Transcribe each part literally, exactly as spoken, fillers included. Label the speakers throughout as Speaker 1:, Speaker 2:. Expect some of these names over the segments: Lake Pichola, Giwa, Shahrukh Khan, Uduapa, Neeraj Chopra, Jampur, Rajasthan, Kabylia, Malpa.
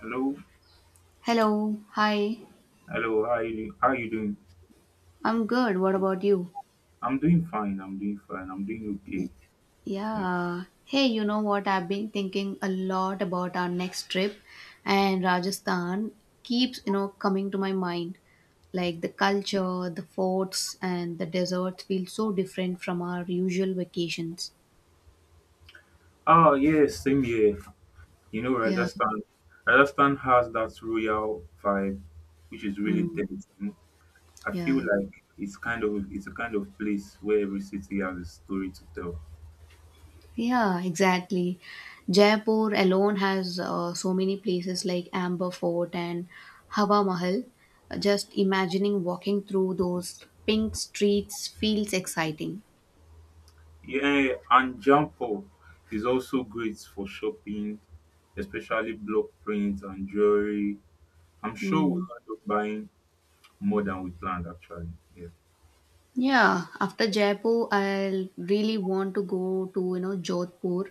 Speaker 1: Hello,
Speaker 2: Hello, hi.
Speaker 1: hello. How are you doing? How are you doing?
Speaker 2: I'm good. What about you?
Speaker 1: I'm doing fine. I'm doing fine. I'm doing okay. Yeah.
Speaker 2: Yeah. Hey, you know what? I've been thinking a lot about our next trip, and Rajasthan keeps, you know, coming to my mind. Like the culture, the forts, and the deserts feel so different from our usual vacations.
Speaker 1: Oh yes, same here. You know,
Speaker 2: Yeah.
Speaker 1: Rajasthan. Rajasthan has that royal vibe, which is really
Speaker 2: Mm,
Speaker 1: tempting. I feel
Speaker 2: yeah.
Speaker 1: like it's kind of it's a kind of place where every city has a story to tell.
Speaker 2: Yeah, exactly. Jaipur alone has uh, so many places like Amber Fort and Hawa Mahal. Just imagining walking through those pink streets feels exciting.
Speaker 1: Yeah, and Jampur is also great for shopping, especially block prints and jewelry. I'm sure
Speaker 2: Mm.
Speaker 1: we'll end up buying more than we planned, actually. Yeah.
Speaker 2: Yeah, after Jaipur, I'll really want to go to you know Jodhpur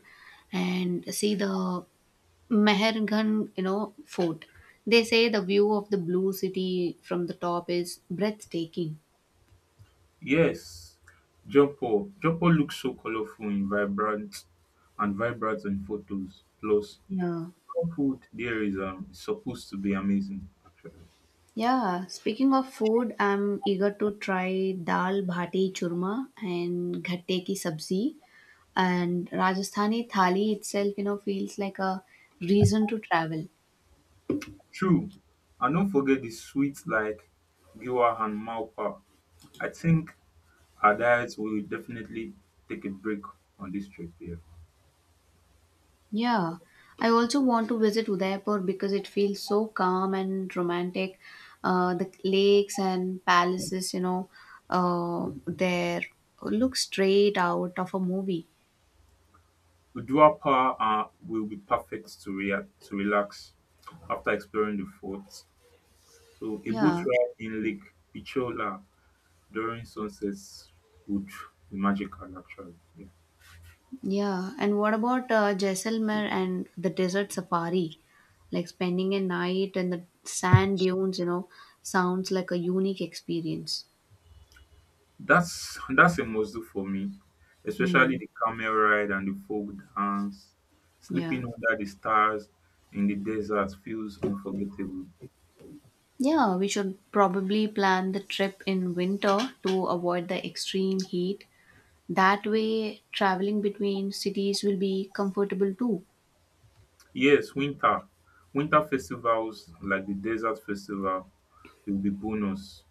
Speaker 2: and see the Mehergarh you know fort. They say the view of the blue city from the top is breathtaking.
Speaker 1: Yes, Jumper. Jumper looks so colorful in vibrant and vibrant in photos. Plus,
Speaker 2: Yeah.
Speaker 1: food there is um is supposed to be amazing. Actually,
Speaker 2: Yeah, speaking of food, I'm eager to try dal bhati churma and ghatte ki sabzi. And Rajasthani thali itself, you know, feels like a reason to travel.
Speaker 1: true. And don't forget the sweets like Giwa and Malpa. I think our diets will definitely take a break on this trip here.
Speaker 2: Yeah, I also want to visit Udaipur because it feels so calm and romantic. Uh, the lakes and palaces, you know, uh, there look straight out of a movie.
Speaker 1: Uduapa uh, will be perfect to react to relax after exploring the fort. So a boat
Speaker 2: Yeah.
Speaker 1: ride in Lake Pichola during sunsets would be magical actually. Yeah.
Speaker 2: Yeah, and what about uh, Jaisalmer and the desert safari? Like spending a night in the sand dunes, you know, sounds like a unique experience.
Speaker 1: That's that's a must do for me, especially
Speaker 2: Hmm.
Speaker 1: the camel ride and the folk dance.
Speaker 2: Yeah.
Speaker 1: Sleeping under the stars in the desert feels unforgettable.
Speaker 2: Yeah, we should probably plan the trip in winter to avoid the extreme heat. That way, traveling between cities will be comfortable too.
Speaker 1: Yes, winter. Winter festivals like the desert festival will be bonus.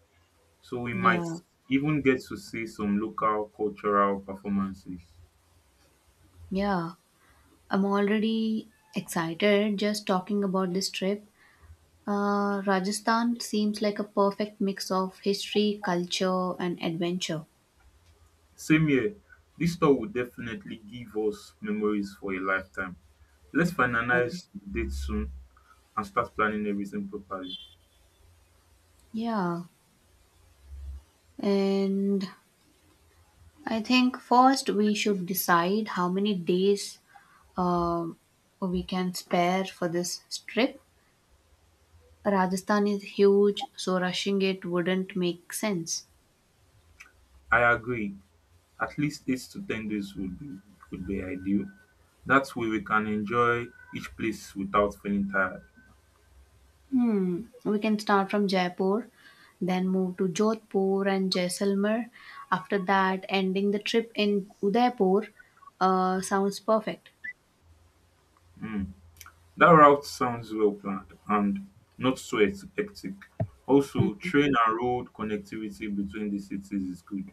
Speaker 1: So we might
Speaker 2: Yeah.
Speaker 1: even get to see some local cultural performances.
Speaker 2: Yeah. I'm already excited just talking about this trip. Uh, Rajasthan seems like a perfect mix of history, culture, and adventure.
Speaker 1: Same here, this tour will definitely give us memories for a lifetime. Let's
Speaker 2: Um,
Speaker 1: finalize the date soon and start planning everything properly.
Speaker 2: yeah, and I think first we should decide how many days uh, we can spare for this trip. Rajasthan is huge, so rushing it wouldn't make sense.
Speaker 1: I agree. At least eight to ten days would be would be ideal. That way we can enjoy each place without feeling tired.
Speaker 2: Hmm. We can start from Jaipur, then move to Jodhpur and Jaisalmer. After that, ending the trip in Udaipur uh, sounds perfect.
Speaker 1: Hmm, that route sounds well planned and not so hec- hectic. Also,
Speaker 2: Hmm.
Speaker 1: train and road connectivity between the cities is good.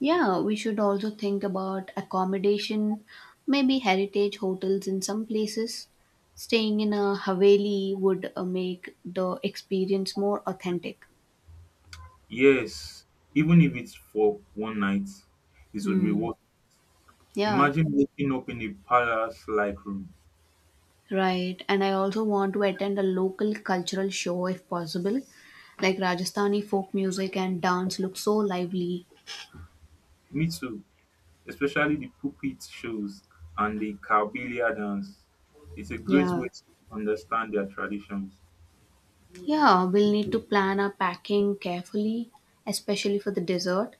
Speaker 2: Yeah, we should also think about accommodation, maybe heritage hotels in some places. Staying in a haveli would uh, make the experience more authentic.
Speaker 1: Yes, even if it's for one night, it would be
Speaker 2: Hmm.
Speaker 1: worth it.
Speaker 2: Yeah.
Speaker 1: Imagine waking up in a palace-like room.
Speaker 2: Right, and I also want to attend a local cultural show if possible. Like Rajasthani folk music and dance look so lively.
Speaker 1: Me too, especially the puppet shows and the Kabylia dance. It's a great
Speaker 2: Yeah.
Speaker 1: way to understand their traditions.
Speaker 2: Yeah, we'll need to plan our packing carefully, especially for the dessert.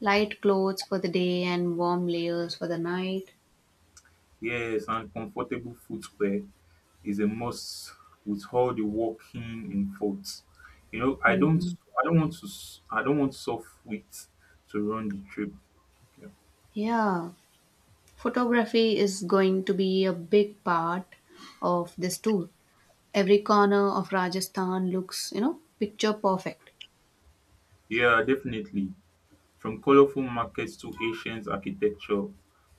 Speaker 2: Light clothes for the day and warm layers for the night.
Speaker 1: Yes, and comfortable footwear is a must with all the walking in fault. You know, I don't,
Speaker 2: Mhm.
Speaker 1: I don't want to, s- I don't want soft feet to run the trip. Yeah,
Speaker 2: Yeah, photography is going to be a big part of this tour. Every corner of Rajasthan looks, you know, picture perfect.
Speaker 1: yeah, definitely. From colorful markets to ancient architecture,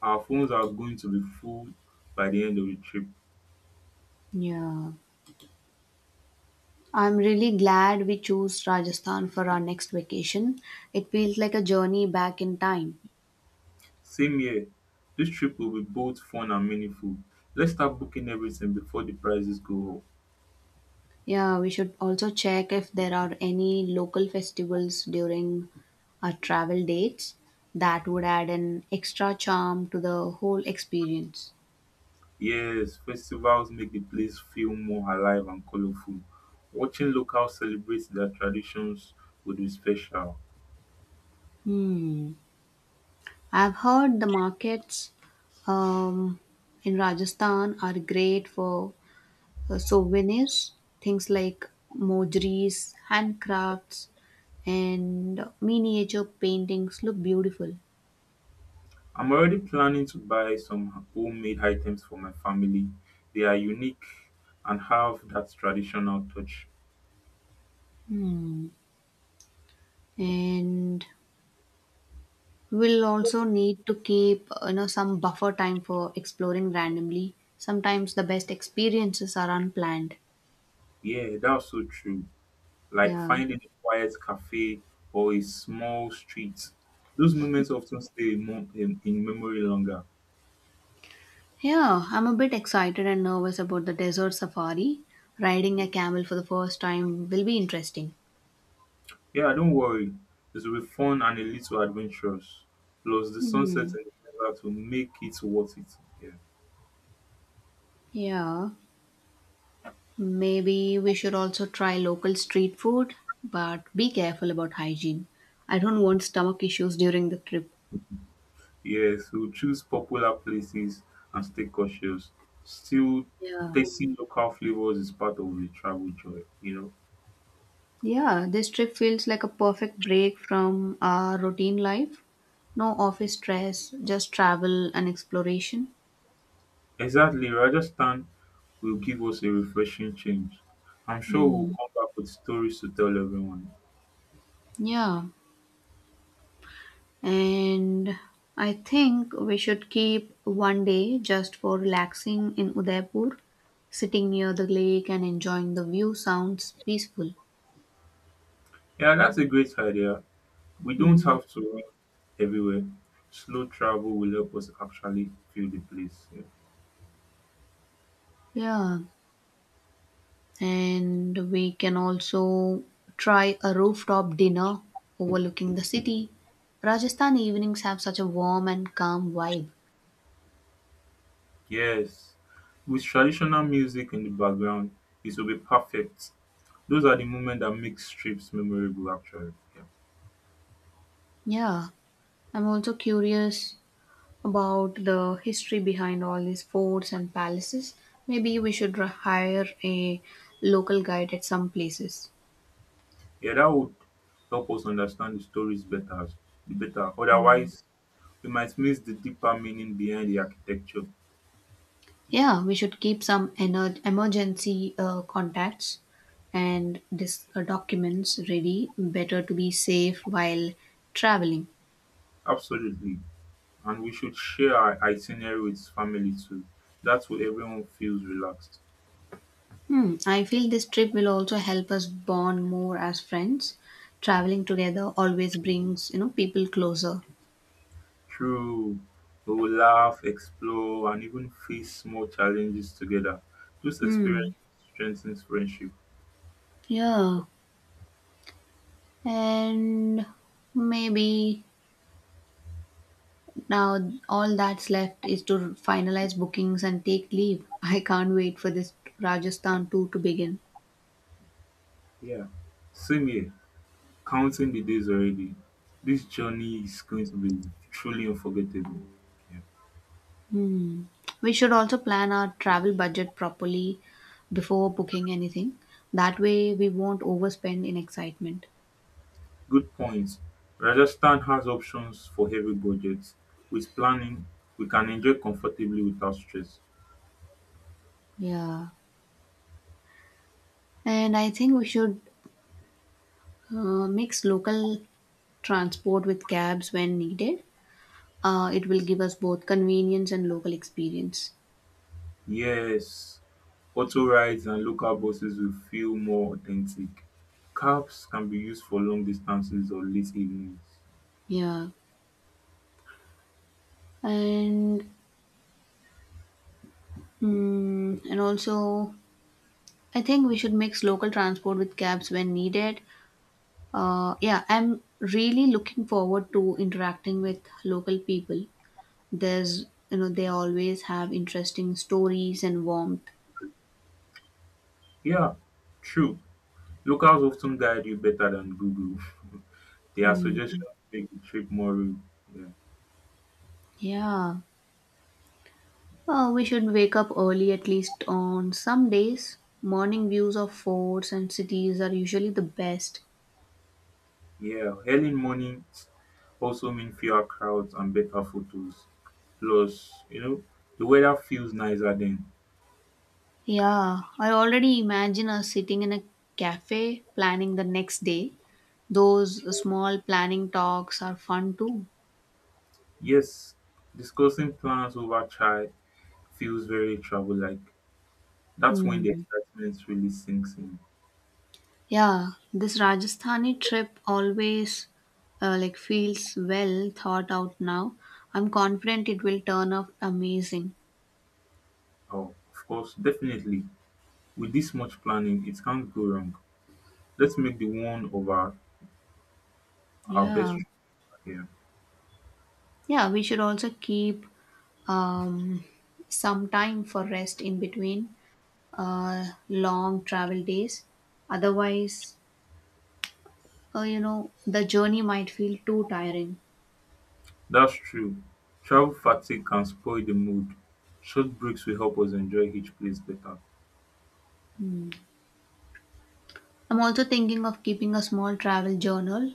Speaker 1: our phones are going to be full by the end of the trip.
Speaker 2: Yeah. I'm really glad we chose Rajasthan for our next vacation. It feels like a journey back in time.
Speaker 1: Same here. This trip will be both fun and meaningful. Let's start booking everything before the prices go up.
Speaker 2: Yeah, we should also check if there are any local festivals during our travel dates that would add an extra charm to the whole experience.
Speaker 1: Yes, festivals make the place feel more alive and colorful. Watching locals celebrate their traditions would be special.
Speaker 2: Hmm. I've heard the markets um, in Rajasthan are great for uh, souvenirs, things like mojeries, handcrafts, and miniature paintings look beautiful.
Speaker 1: I'm already planning to buy some homemade items for my family. They are unique and have that traditional touch.
Speaker 2: Hmm. And we'll also need to keep uh, you know some buffer time for exploring randomly. Sometimes the best experiences are unplanned.
Speaker 1: Yeah, that's so true, like
Speaker 2: Yeah.
Speaker 1: finding a quiet cafe or a small street. Those moments often stay in, mo- in, in memory longer.
Speaker 2: Yeah, I'm a bit excited and nervous about the desert safari. Riding a camel for the first time will be interesting.
Speaker 1: Yeah, don't worry. It will be fun and a little adventurous. Plus, the sunset
Speaker 2: Hmm.
Speaker 1: and the desert will make it worth it. Yeah.
Speaker 2: Yeah. Maybe we should also try local street food, but be careful about hygiene. I don't want stomach issues during the trip.
Speaker 1: Yes, we'll choose popular places and stay cautious. Still,
Speaker 2: Yeah.
Speaker 1: tasting local flavors is part of the travel joy, you know.
Speaker 2: Yeah, this trip feels like a perfect break from our routine life. No office stress, just travel and exploration.
Speaker 1: Exactly, Rajasthan will give us a refreshing change. I'm sure we'll
Speaker 2: Hmm.
Speaker 1: come back with stories to tell everyone.
Speaker 2: Yeah. And I think we should keep one day just for relaxing in Udaipur, sitting near the lake and enjoying the view sounds peaceful.
Speaker 1: Yeah, that's a great idea. We don't
Speaker 2: Hmm.
Speaker 1: have to run everywhere. Slow travel will help us actually feel the place. Yeah.
Speaker 2: Yeah, and we can also try a rooftop dinner overlooking the city. Rajasthan evenings have such a warm and calm vibe.
Speaker 1: Yes, with traditional music in the background, it will be perfect. Those are the moments that make trips memorable. Actually, yeah,
Speaker 2: Yeah, I'm also curious about the history behind all these forts and palaces. Maybe we should r- hire a local guide at some places.
Speaker 1: yeah, that would help us understand the stories better. Better. Otherwise, we might miss the deeper meaning behind the architecture.
Speaker 2: Yeah, we should keep some ener- emergency uh, contacts and this uh, documents ready. Better to be safe while traveling.
Speaker 1: Absolutely, and we should share our itinerary with family too. That's where everyone feels relaxed.
Speaker 2: Hmm, I feel this trip will also help us bond more as friends. Traveling together always brings you know people closer.
Speaker 1: True. We will laugh, explore, and even face small challenges together. Those experiences
Speaker 2: Hmm.
Speaker 1: strengthens friendship.
Speaker 2: Yeah, and maybe now all that's left is to finalize bookings and take leave. I can't wait for this Rajasthan tour to begin.
Speaker 1: Yeah. Same here. Counting the days already. This journey is going to be truly unforgettable. Yeah.
Speaker 2: Hmm. We should also plan our travel budget properly before booking anything. That way, we won't overspend in excitement.
Speaker 1: Good point. Rajasthan has options for every budget. With planning, we can enjoy comfortably without stress.
Speaker 2: Yeah. And I think we should uh, mix local transport with cabs when needed. Uh, it will give us both convenience and local experience.
Speaker 1: Yes, auto rides and local buses will feel more authentic. Cabs can be used for long distances or late evenings.
Speaker 2: Yeah. And mm, and also I think we should mix local transport with cabs when needed. Uh, yeah, I'm really looking forward to interacting with local people. There's, you know, they always have interesting stories and warmth.
Speaker 1: Yeah, true. Locals often guide you better than Google. Their
Speaker 2: Mm.
Speaker 1: suggestions make the trip more real. Yeah.
Speaker 2: Yeah. Uh, we should wake up early at least on some days. Morning views of forts and cities are usually the best.
Speaker 1: Yeah, early mornings also mean fewer crowds and better photos. Plus, you know, the weather feels nicer then.
Speaker 2: Yeah, I already imagine us sitting in a cafe planning the next day. Those small planning talks are fun too.
Speaker 1: Yes, discussing plans over chai feels very travel-like. That's when the
Speaker 2: Hmm.
Speaker 1: excitement really sinks in.
Speaker 2: Yeah, this Rajasthani trip always uh, like feels well thought out now. I'm confident it will turn out amazing.
Speaker 1: Oh, of course, definitely. With this much planning, it can't go wrong. Let's make the one of our, our best
Speaker 2: Yeah.
Speaker 1: trip here.
Speaker 2: Yeah, we should also keep um, some time for rest in between uh, long travel days. Otherwise, uh, you know, the journey might feel too tiring.
Speaker 1: That's true. Travel fatigue can spoil the mood. Short breaks will help us enjoy each place better.
Speaker 2: Hmm. I'm also thinking of keeping a small travel journal.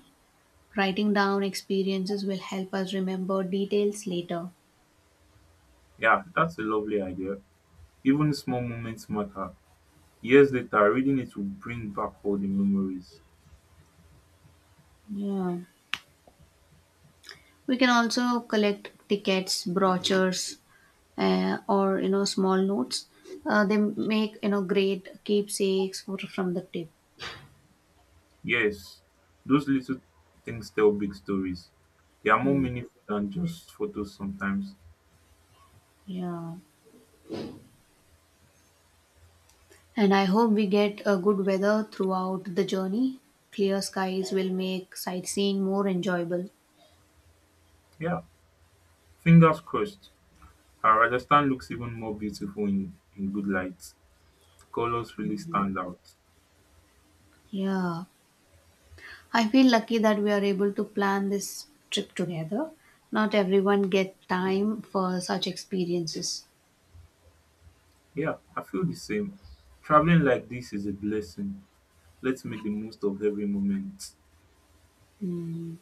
Speaker 2: Writing down experiences will help us remember details later.
Speaker 1: Yeah, that's a lovely idea. Even small moments matter. Years later, reading it will bring back all the memories.
Speaker 2: Yeah, we can also collect tickets, brochures, uh, or you know small notes. Uh, they make you know great keepsakes for, from the trip.
Speaker 1: Yes, those little things tell big stories. They are more meaningful than just photos sometimes.
Speaker 2: Yeah, and I hope we get a good weather throughout the journey. Clear skies will make sightseeing more enjoyable.
Speaker 1: Yeah. Fingers crossed, our Rajasthan looks even more beautiful in, in good light. The colors really stand out.
Speaker 2: Yeah, I feel lucky that we are able to plan this trip together. Not everyone get time for such experiences.
Speaker 1: Yeah, I feel the same. Traveling like this is a blessing. Let's make the most of every moment.
Speaker 2: Hmm.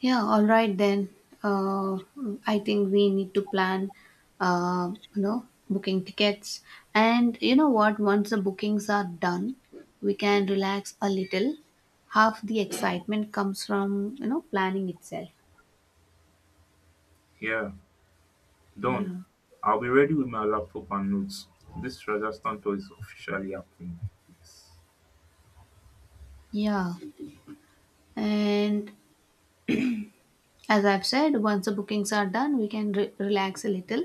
Speaker 2: Yeah, all right then. Uh, I think we need to plan, uh, you know, booking tickets. And you know what? Once the bookings are done, we can relax a little. Half the excitement comes from, you know, planning itself.
Speaker 1: Yeah, done.
Speaker 2: Yeah.
Speaker 1: I'll be ready with my laptop and notes. This Rajasthan tour is officially happening. Yes.
Speaker 2: Yeah. And as I've said, once the bookings are done, we can re- relax a little.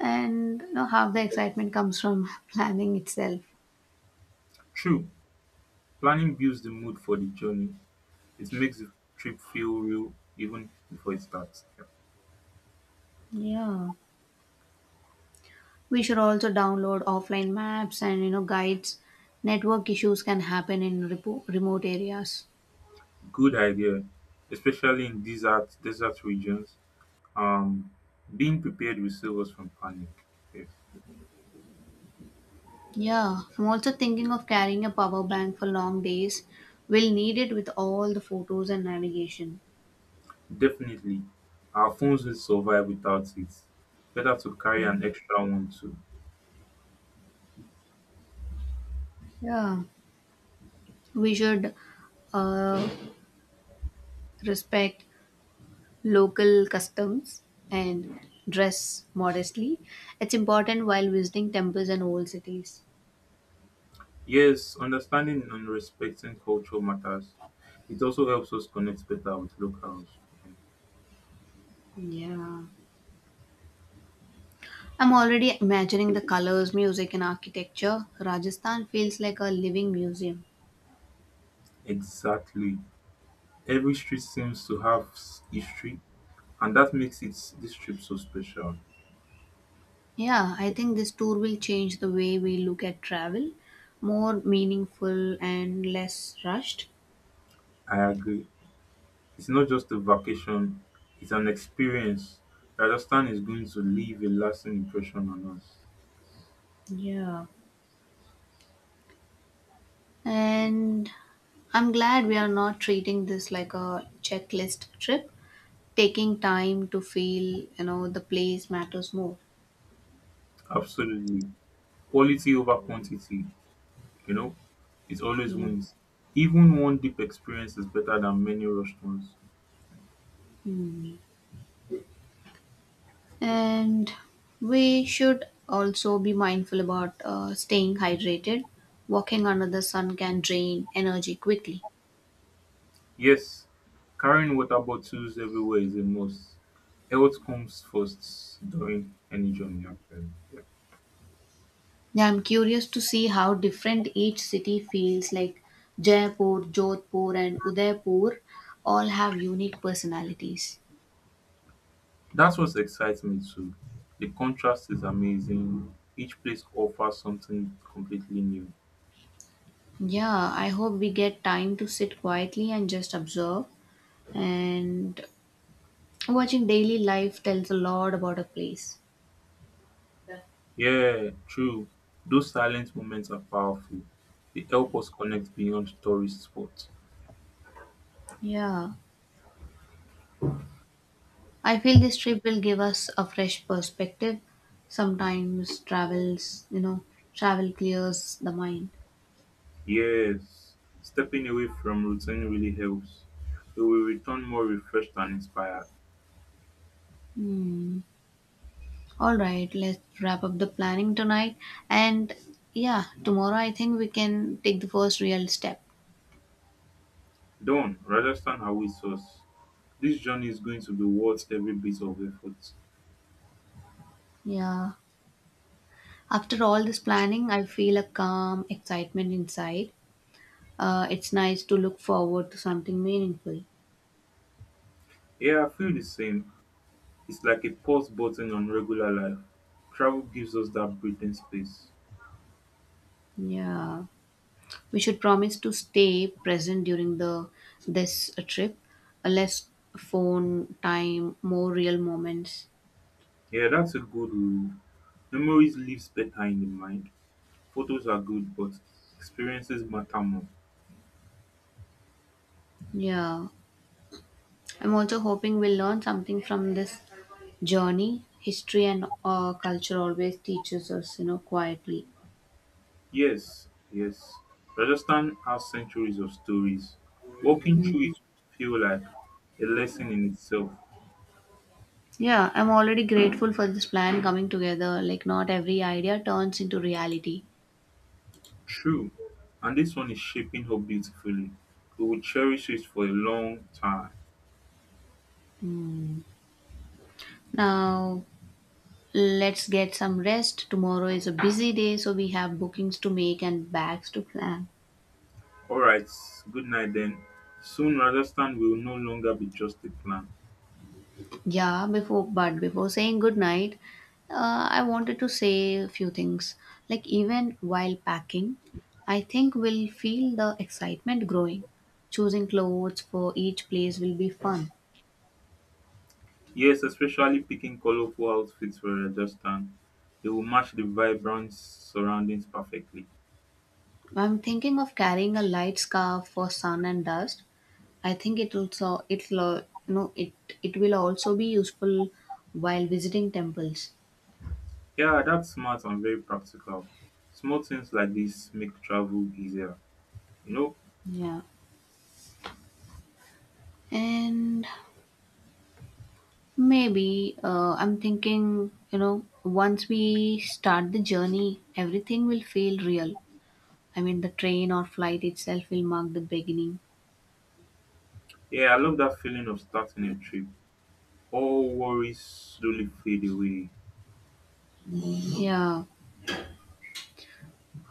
Speaker 2: And you know, half the excitement comes from planning itself.
Speaker 1: True, planning builds the mood for the journey. It makes the trip feel real even before it starts. Yeah.
Speaker 2: Yeah. We should also download offline maps and you know guides. Network issues can happen in repo- remote areas.
Speaker 1: Good idea, especially in desert desert regions. Um, Being prepared will save us from panic. Yes,
Speaker 2: Yeah, I'm also thinking of carrying a power bank for long days. We'll need it with all the photos and navigation.
Speaker 1: definitely. Our phones will survive without it. Better to carry an extra one too.
Speaker 2: Yeah, we should uh, respect local customs and dress modestly. It's important while visiting temples and old cities.
Speaker 1: Yes, understanding and respecting culture matters. It also helps us connect better with locals.
Speaker 2: Yeah. I'm already imagining the colors, music, and architecture. Rajasthan feels like a living museum.
Speaker 1: Exactly. Every street seems to have s- history, and that makes it this trip so special.
Speaker 2: Yeah, I think this tour will change the way we look at travel, more meaningful and less rushed.
Speaker 1: I agree. It's not just a vacation; it's an experience. Rajasthan is going to leave a lasting impression on us.
Speaker 2: Yeah. And I'm glad we are not treating this like a checklist trip. Taking time to feel, you know, the place matters more.
Speaker 1: Absolutely. Quality over quantity, you know, it always
Speaker 2: Yeah.
Speaker 1: wins. Even one deep experience is better than many rushed ones.
Speaker 2: And we should also be mindful about uh, staying hydrated. Walking under the sun can drain energy quickly.
Speaker 1: Yes, carrying water bottles everywhere is a must. Health comes first during any journey. Okay.
Speaker 2: Yeah, I'm curious to see how different each city feels like Jaipur, Jodhpur, and Udaipur all have unique personalities.
Speaker 1: That's what excites me too. The contrast is amazing. Each place offers something completely new.
Speaker 2: Yeah, I hope we get time to sit quietly and just observe. And watching daily life tells a lot about a place.
Speaker 1: Yeah, true. Those silent moments are powerful. They help us connect beyond tourist spots.
Speaker 2: Yeah. I feel this trip will give us a fresh perspective. Sometimes travels, you know, travel clears the mind.
Speaker 1: Yes, stepping away from routine really helps. We will return more refreshed and inspired.
Speaker 2: Hmm. All right, let's wrap up the planning tonight. And yeah, tomorrow I think we can take the first real step.
Speaker 1: Done, Rajasthan awaits us. This journey is going to be worth every bit of effort.
Speaker 2: Yeah. After all this planning, I feel a calm excitement inside. Uh, it's nice to look forward to something meaningful.
Speaker 1: Yeah, I feel the same. It's like a pause button on regular life. Travel gives us that breathing space.
Speaker 2: Yeah. We should promise to stay present during the this trip. A less phone time, more real moments.
Speaker 1: Yeah, that's a good rule. Memories lives better in the mind. Photos are good, but experiences matter more.
Speaker 2: Yeah. I'm also hoping we'll learn something from this journey. History and uh, culture always teaches us, you know, quietly.
Speaker 1: Yes, yes. Rajasthan has centuries of stories. Walking through
Speaker 2: Mhm.
Speaker 1: it feel like a lesson in itself.
Speaker 2: Yeah, I'm already grateful for this plan coming together. Like, not every idea turns into reality.
Speaker 1: True. And this one is shaping up beautifully. We will cherish it for a long time.
Speaker 2: Now, let's get some rest. Tomorrow is a busy day, so we have bookings to make and bags to plan.
Speaker 1: Alright, good night then. Soon Rajasthan will no longer be just a plan.
Speaker 2: Yeah, before but before saying good night, uh, I wanted to say a few things. Like even while packing, I think we'll feel the excitement growing. Choosing clothes for each place will be fun.
Speaker 1: Yes, especially picking colorful outfits for Rajasthan. They will match the vibrant surroundings perfectly.
Speaker 2: I'm thinking of carrying a light scarf for sun and dust. I think it also it'll uh, you know it it will also be useful while visiting temples.
Speaker 1: Yeah, that's smart and very practical. Small things like this make travel easier. You know,
Speaker 2: Yeah. And Maybe uh, I'm thinking, you know, once we start the journey, everything will feel real. I mean, the train or flight itself will mark the beginning.
Speaker 1: yeah, I love that feeling of starting a trip. All worries slowly fade away.
Speaker 2: Yeah.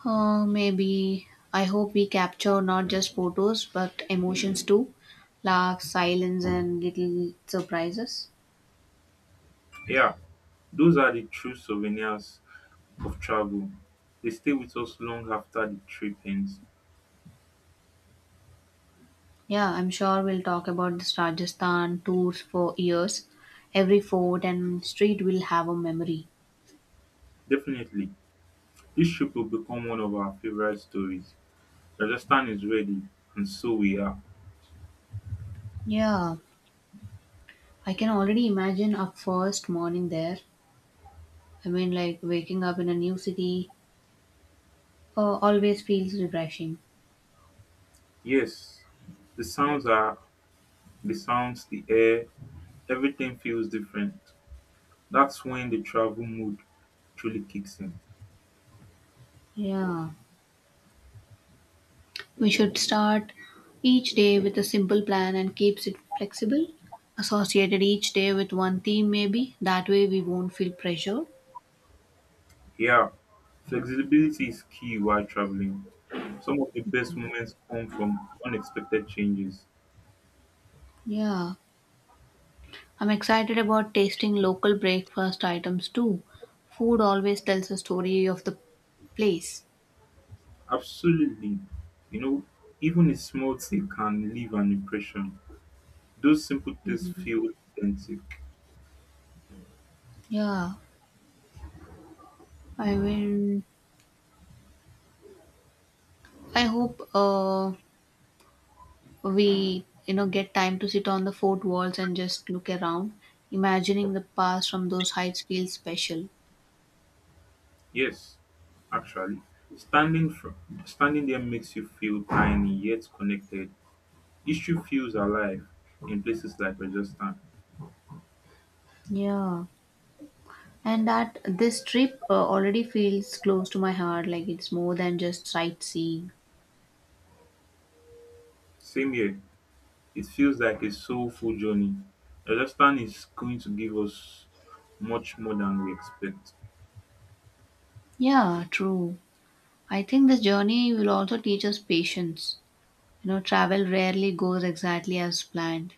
Speaker 2: Uh, maybe I hope we capture not just photos but emotions too. Laughs, silence, and little surprises.
Speaker 1: Yeah, those are the true souvenirs of travel. They stay with us long after the trip ends.
Speaker 2: Yeah, I'm sure we'll talk about this Rajasthan tours for years. Every fort and street will have a memory.
Speaker 1: Definitely, this trip will become one of our favorite stories. Rajasthan is ready, and so we are.
Speaker 2: Yeah. I can already imagine our first morning there. I mean, like waking up in a new city uh, always feels refreshing.
Speaker 1: Yes, the sounds are the sounds, the air, everything feels different. That's when the travel mood truly kicks in.
Speaker 2: Yeah. We should start each day with a simple plan and keeps it flexible. Associated each day with one theme, maybe. That way we won't feel pressured.
Speaker 1: Yeah, flexibility is key while traveling. Some of the best moments come from unexpected changes.
Speaker 2: Yeah. I'm excited about tasting local breakfast items too. Food always tells a story of the place.
Speaker 1: Absolutely. You know, even a small thing can leave an impression. Those simple things feel authentic.
Speaker 2: Yeah, I mean, I hope uh, we you know get time to sit on the fort walls and just look around imagining the past from those heights feels special.
Speaker 1: Yes, actually. Standing from standing there makes you feel tiny yet connected. Issue feels alive in places like Rajasthan.
Speaker 2: Yeah, and that this trip uh, already feels close to my heart, like it's more than just sightseeing.
Speaker 1: Same here. It feels like a soulful journey. Rajasthan is going to give us much more than we expect.
Speaker 2: Yeah, true. I think this journey will also teach us patience. You know, travel rarely goes exactly as planned.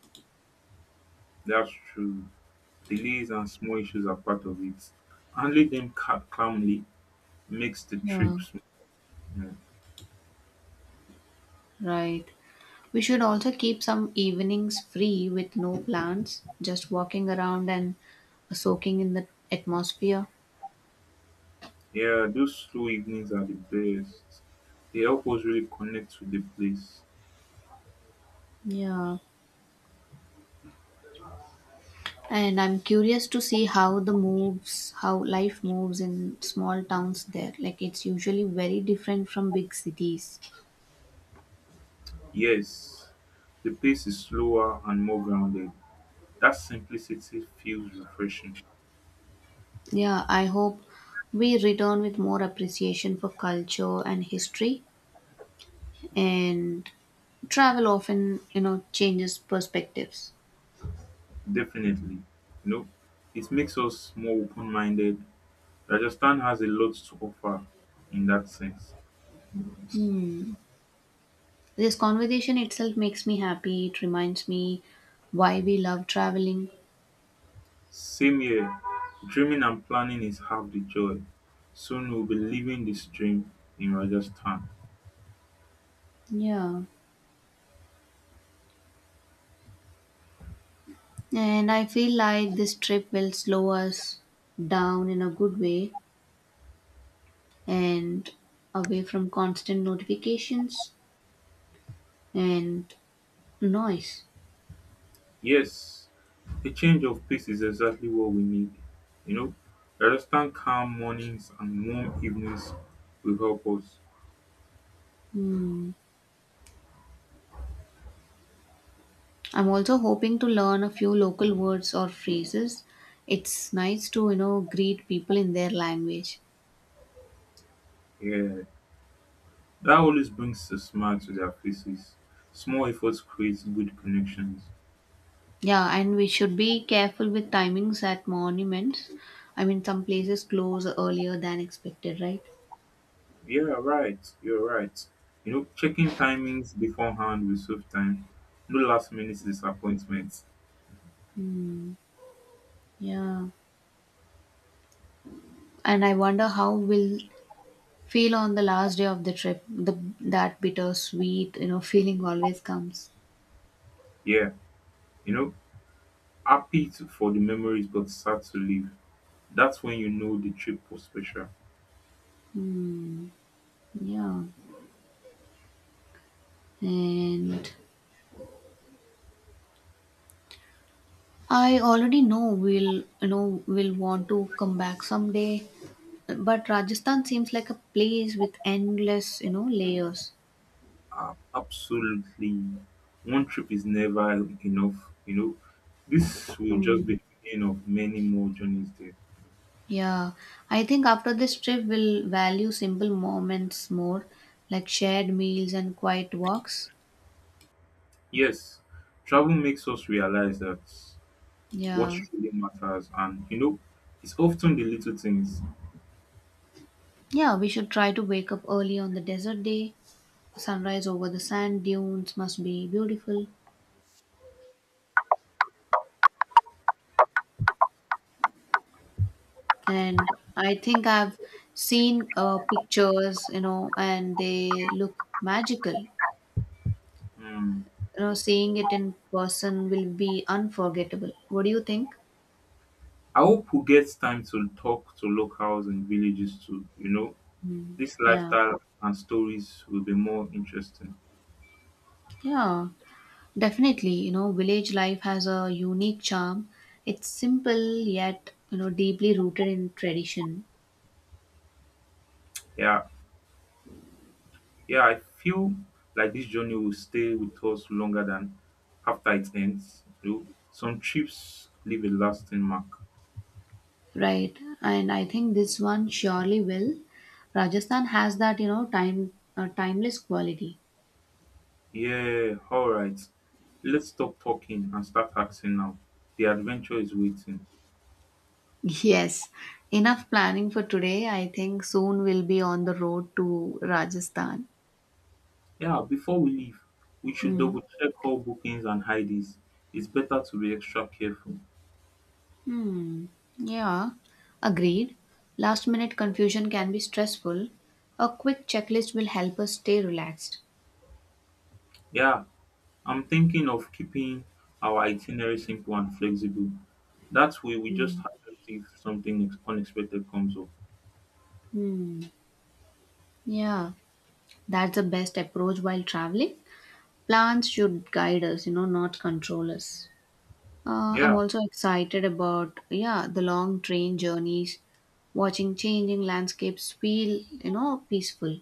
Speaker 1: That's true. Delays and small issues are part of it. Handling them ca- calmly makes the
Speaker 2: Yeah,
Speaker 1: trip smoother.
Speaker 2: right. We should also keep some evenings free with no plans, just walking around and soaking in the atmosphere.
Speaker 1: Yeah, those slow evenings are the best. They help us really connect with the place.
Speaker 2: Yeah. And I'm curious to see how the moves, how life moves in small towns there. Like it's usually very different from big cities.
Speaker 1: Yes, the pace is slower and more grounded. That simplicity feels refreshing.
Speaker 2: Yeah, I hope we return with more appreciation for culture and history and travel often, you know, changes perspectives.
Speaker 1: Definitely. You know, it makes us more open minded. Rajasthan has a lot to offer in that sense.
Speaker 2: This conversation itself makes me happy. It reminds me why we love traveling.
Speaker 1: Same here, dreaming and planning is half the joy. Soon we'll be living this dream in Rajasthan.
Speaker 2: Yeah. And I feel like this trip will slow us down in a good way and away from constant notifications and noise.
Speaker 1: Yes, a change of pace is exactly what we need. You know, Rajasthan calm mornings and warm evenings will help us.
Speaker 2: Hmm. I'm also hoping to learn a few local words or phrases. It's nice to, you know, greet people in their language.
Speaker 1: Yeah, that always brings a smile to their faces. Small efforts create good connections.
Speaker 2: Yeah, and we should be careful with timings at monuments. I mean, some places close earlier than expected, right?
Speaker 1: Yeah, right. You're right. You know, checking timings beforehand will save time. No last minute disappointments.
Speaker 2: Yeah. And I wonder how we'll feel on the last day of the trip. The that bittersweet, you know, feeling always comes.
Speaker 1: Yeah, you know, happy to, for the memories but sad to leave. That's when you know the trip was special.
Speaker 2: Hmm. Yeah. And I already know we'll, you know, we'll want to come back someday. But Rajasthan seems like a place with endless, you know, layers.
Speaker 1: Ah, absolutely. One trip is never enough, you know. This will
Speaker 2: Hmm.
Speaker 1: just be the beginning of many more journeys there.
Speaker 2: Yeah, I think after this trip, we'll value simple moments more, like shared meals and quiet walks.
Speaker 1: Yes, travel makes us realize that what
Speaker 2: Yeah,
Speaker 1: truly matters and you know, it's often the little things.
Speaker 2: yeah, we should try to wake up early on the desert day. Sunrise over the sand dunes must be beautiful. And I think I've seen uh, pictures, you know, and they look magical. You
Speaker 1: Hmm.
Speaker 2: know, seeing it in person will be unforgettable. What do you think?
Speaker 1: I hope we get time to talk to locals and villages too. You know,
Speaker 2: Mm.
Speaker 1: this
Speaker 2: Yeah,
Speaker 1: lifestyle and stories will be more interesting.
Speaker 2: yeah. Definitely, you know, village life has a unique charm. It's simple yet, you know, deeply rooted in tradition,
Speaker 1: Yeah, yeah, I feel like this journey will stay with us longer than after it ends. You know, some trips leave a lasting mark.
Speaker 2: right? And I think this one surely will. Rajasthan has that, you know, time uh, timeless quality.
Speaker 1: Yeah, all right. Let's stop talking and start acting now. The adventure is waiting.
Speaker 2: Yes. Enough planning for today. I think soon we'll be on the road to Rajasthan.
Speaker 1: Yeah, before we leave, we should
Speaker 2: Hmm.
Speaker 1: double check all bookings and I Ds. It's better to be extra careful.
Speaker 2: Hmm. Yeah. Agreed. Last minute confusion can be stressful. A quick checklist will help us stay relaxed.
Speaker 1: Yeah, I'm thinking of keeping our itinerary simple and flexible. That way, we just
Speaker 2: Hmm.
Speaker 1: adjust if something ex- unexpected comes up.
Speaker 2: Hmm. Yeah, that's the best approach while traveling. Plans should guide us, you know, not control us. Uh, I'm
Speaker 1: Yeah,
Speaker 2: also excited about, yeah, the long train journeys. Watching changing landscapes feel, you know, peaceful.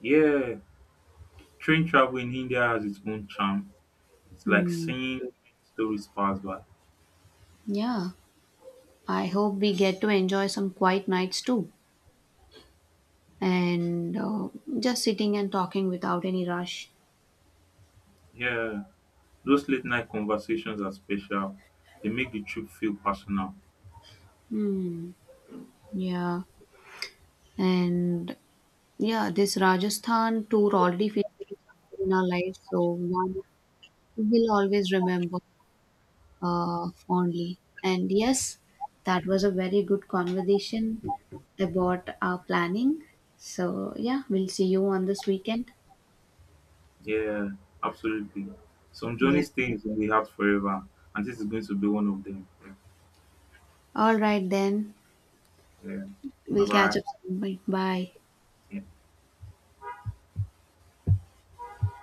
Speaker 1: yeah. Train travel in India has its own charm. It's like
Speaker 2: Hmm.
Speaker 1: seeing stories pass by.
Speaker 2: Yeah, I hope we get to enjoy some quiet nights too. And uh, just sitting and talking without any rush.
Speaker 1: Yeah, those late night conversations are special. They make the trip feel personal.
Speaker 2: Hmm. Yeah. And yeah, this Rajasthan tour already featured a chapter in our lives, so one we'll always remember uh, fondly. And yes, that was a very good conversation about our planning. So yeah, we'll see you on this weekend.
Speaker 1: Yeah, absolutely. Some journey
Speaker 2: Yeah.
Speaker 1: stays in the heart forever, and this is going to be one of them.
Speaker 2: All right then,
Speaker 1: Yeah,
Speaker 2: we'll
Speaker 1: bye
Speaker 2: catch up soon. Bye. Bye.
Speaker 1: bye.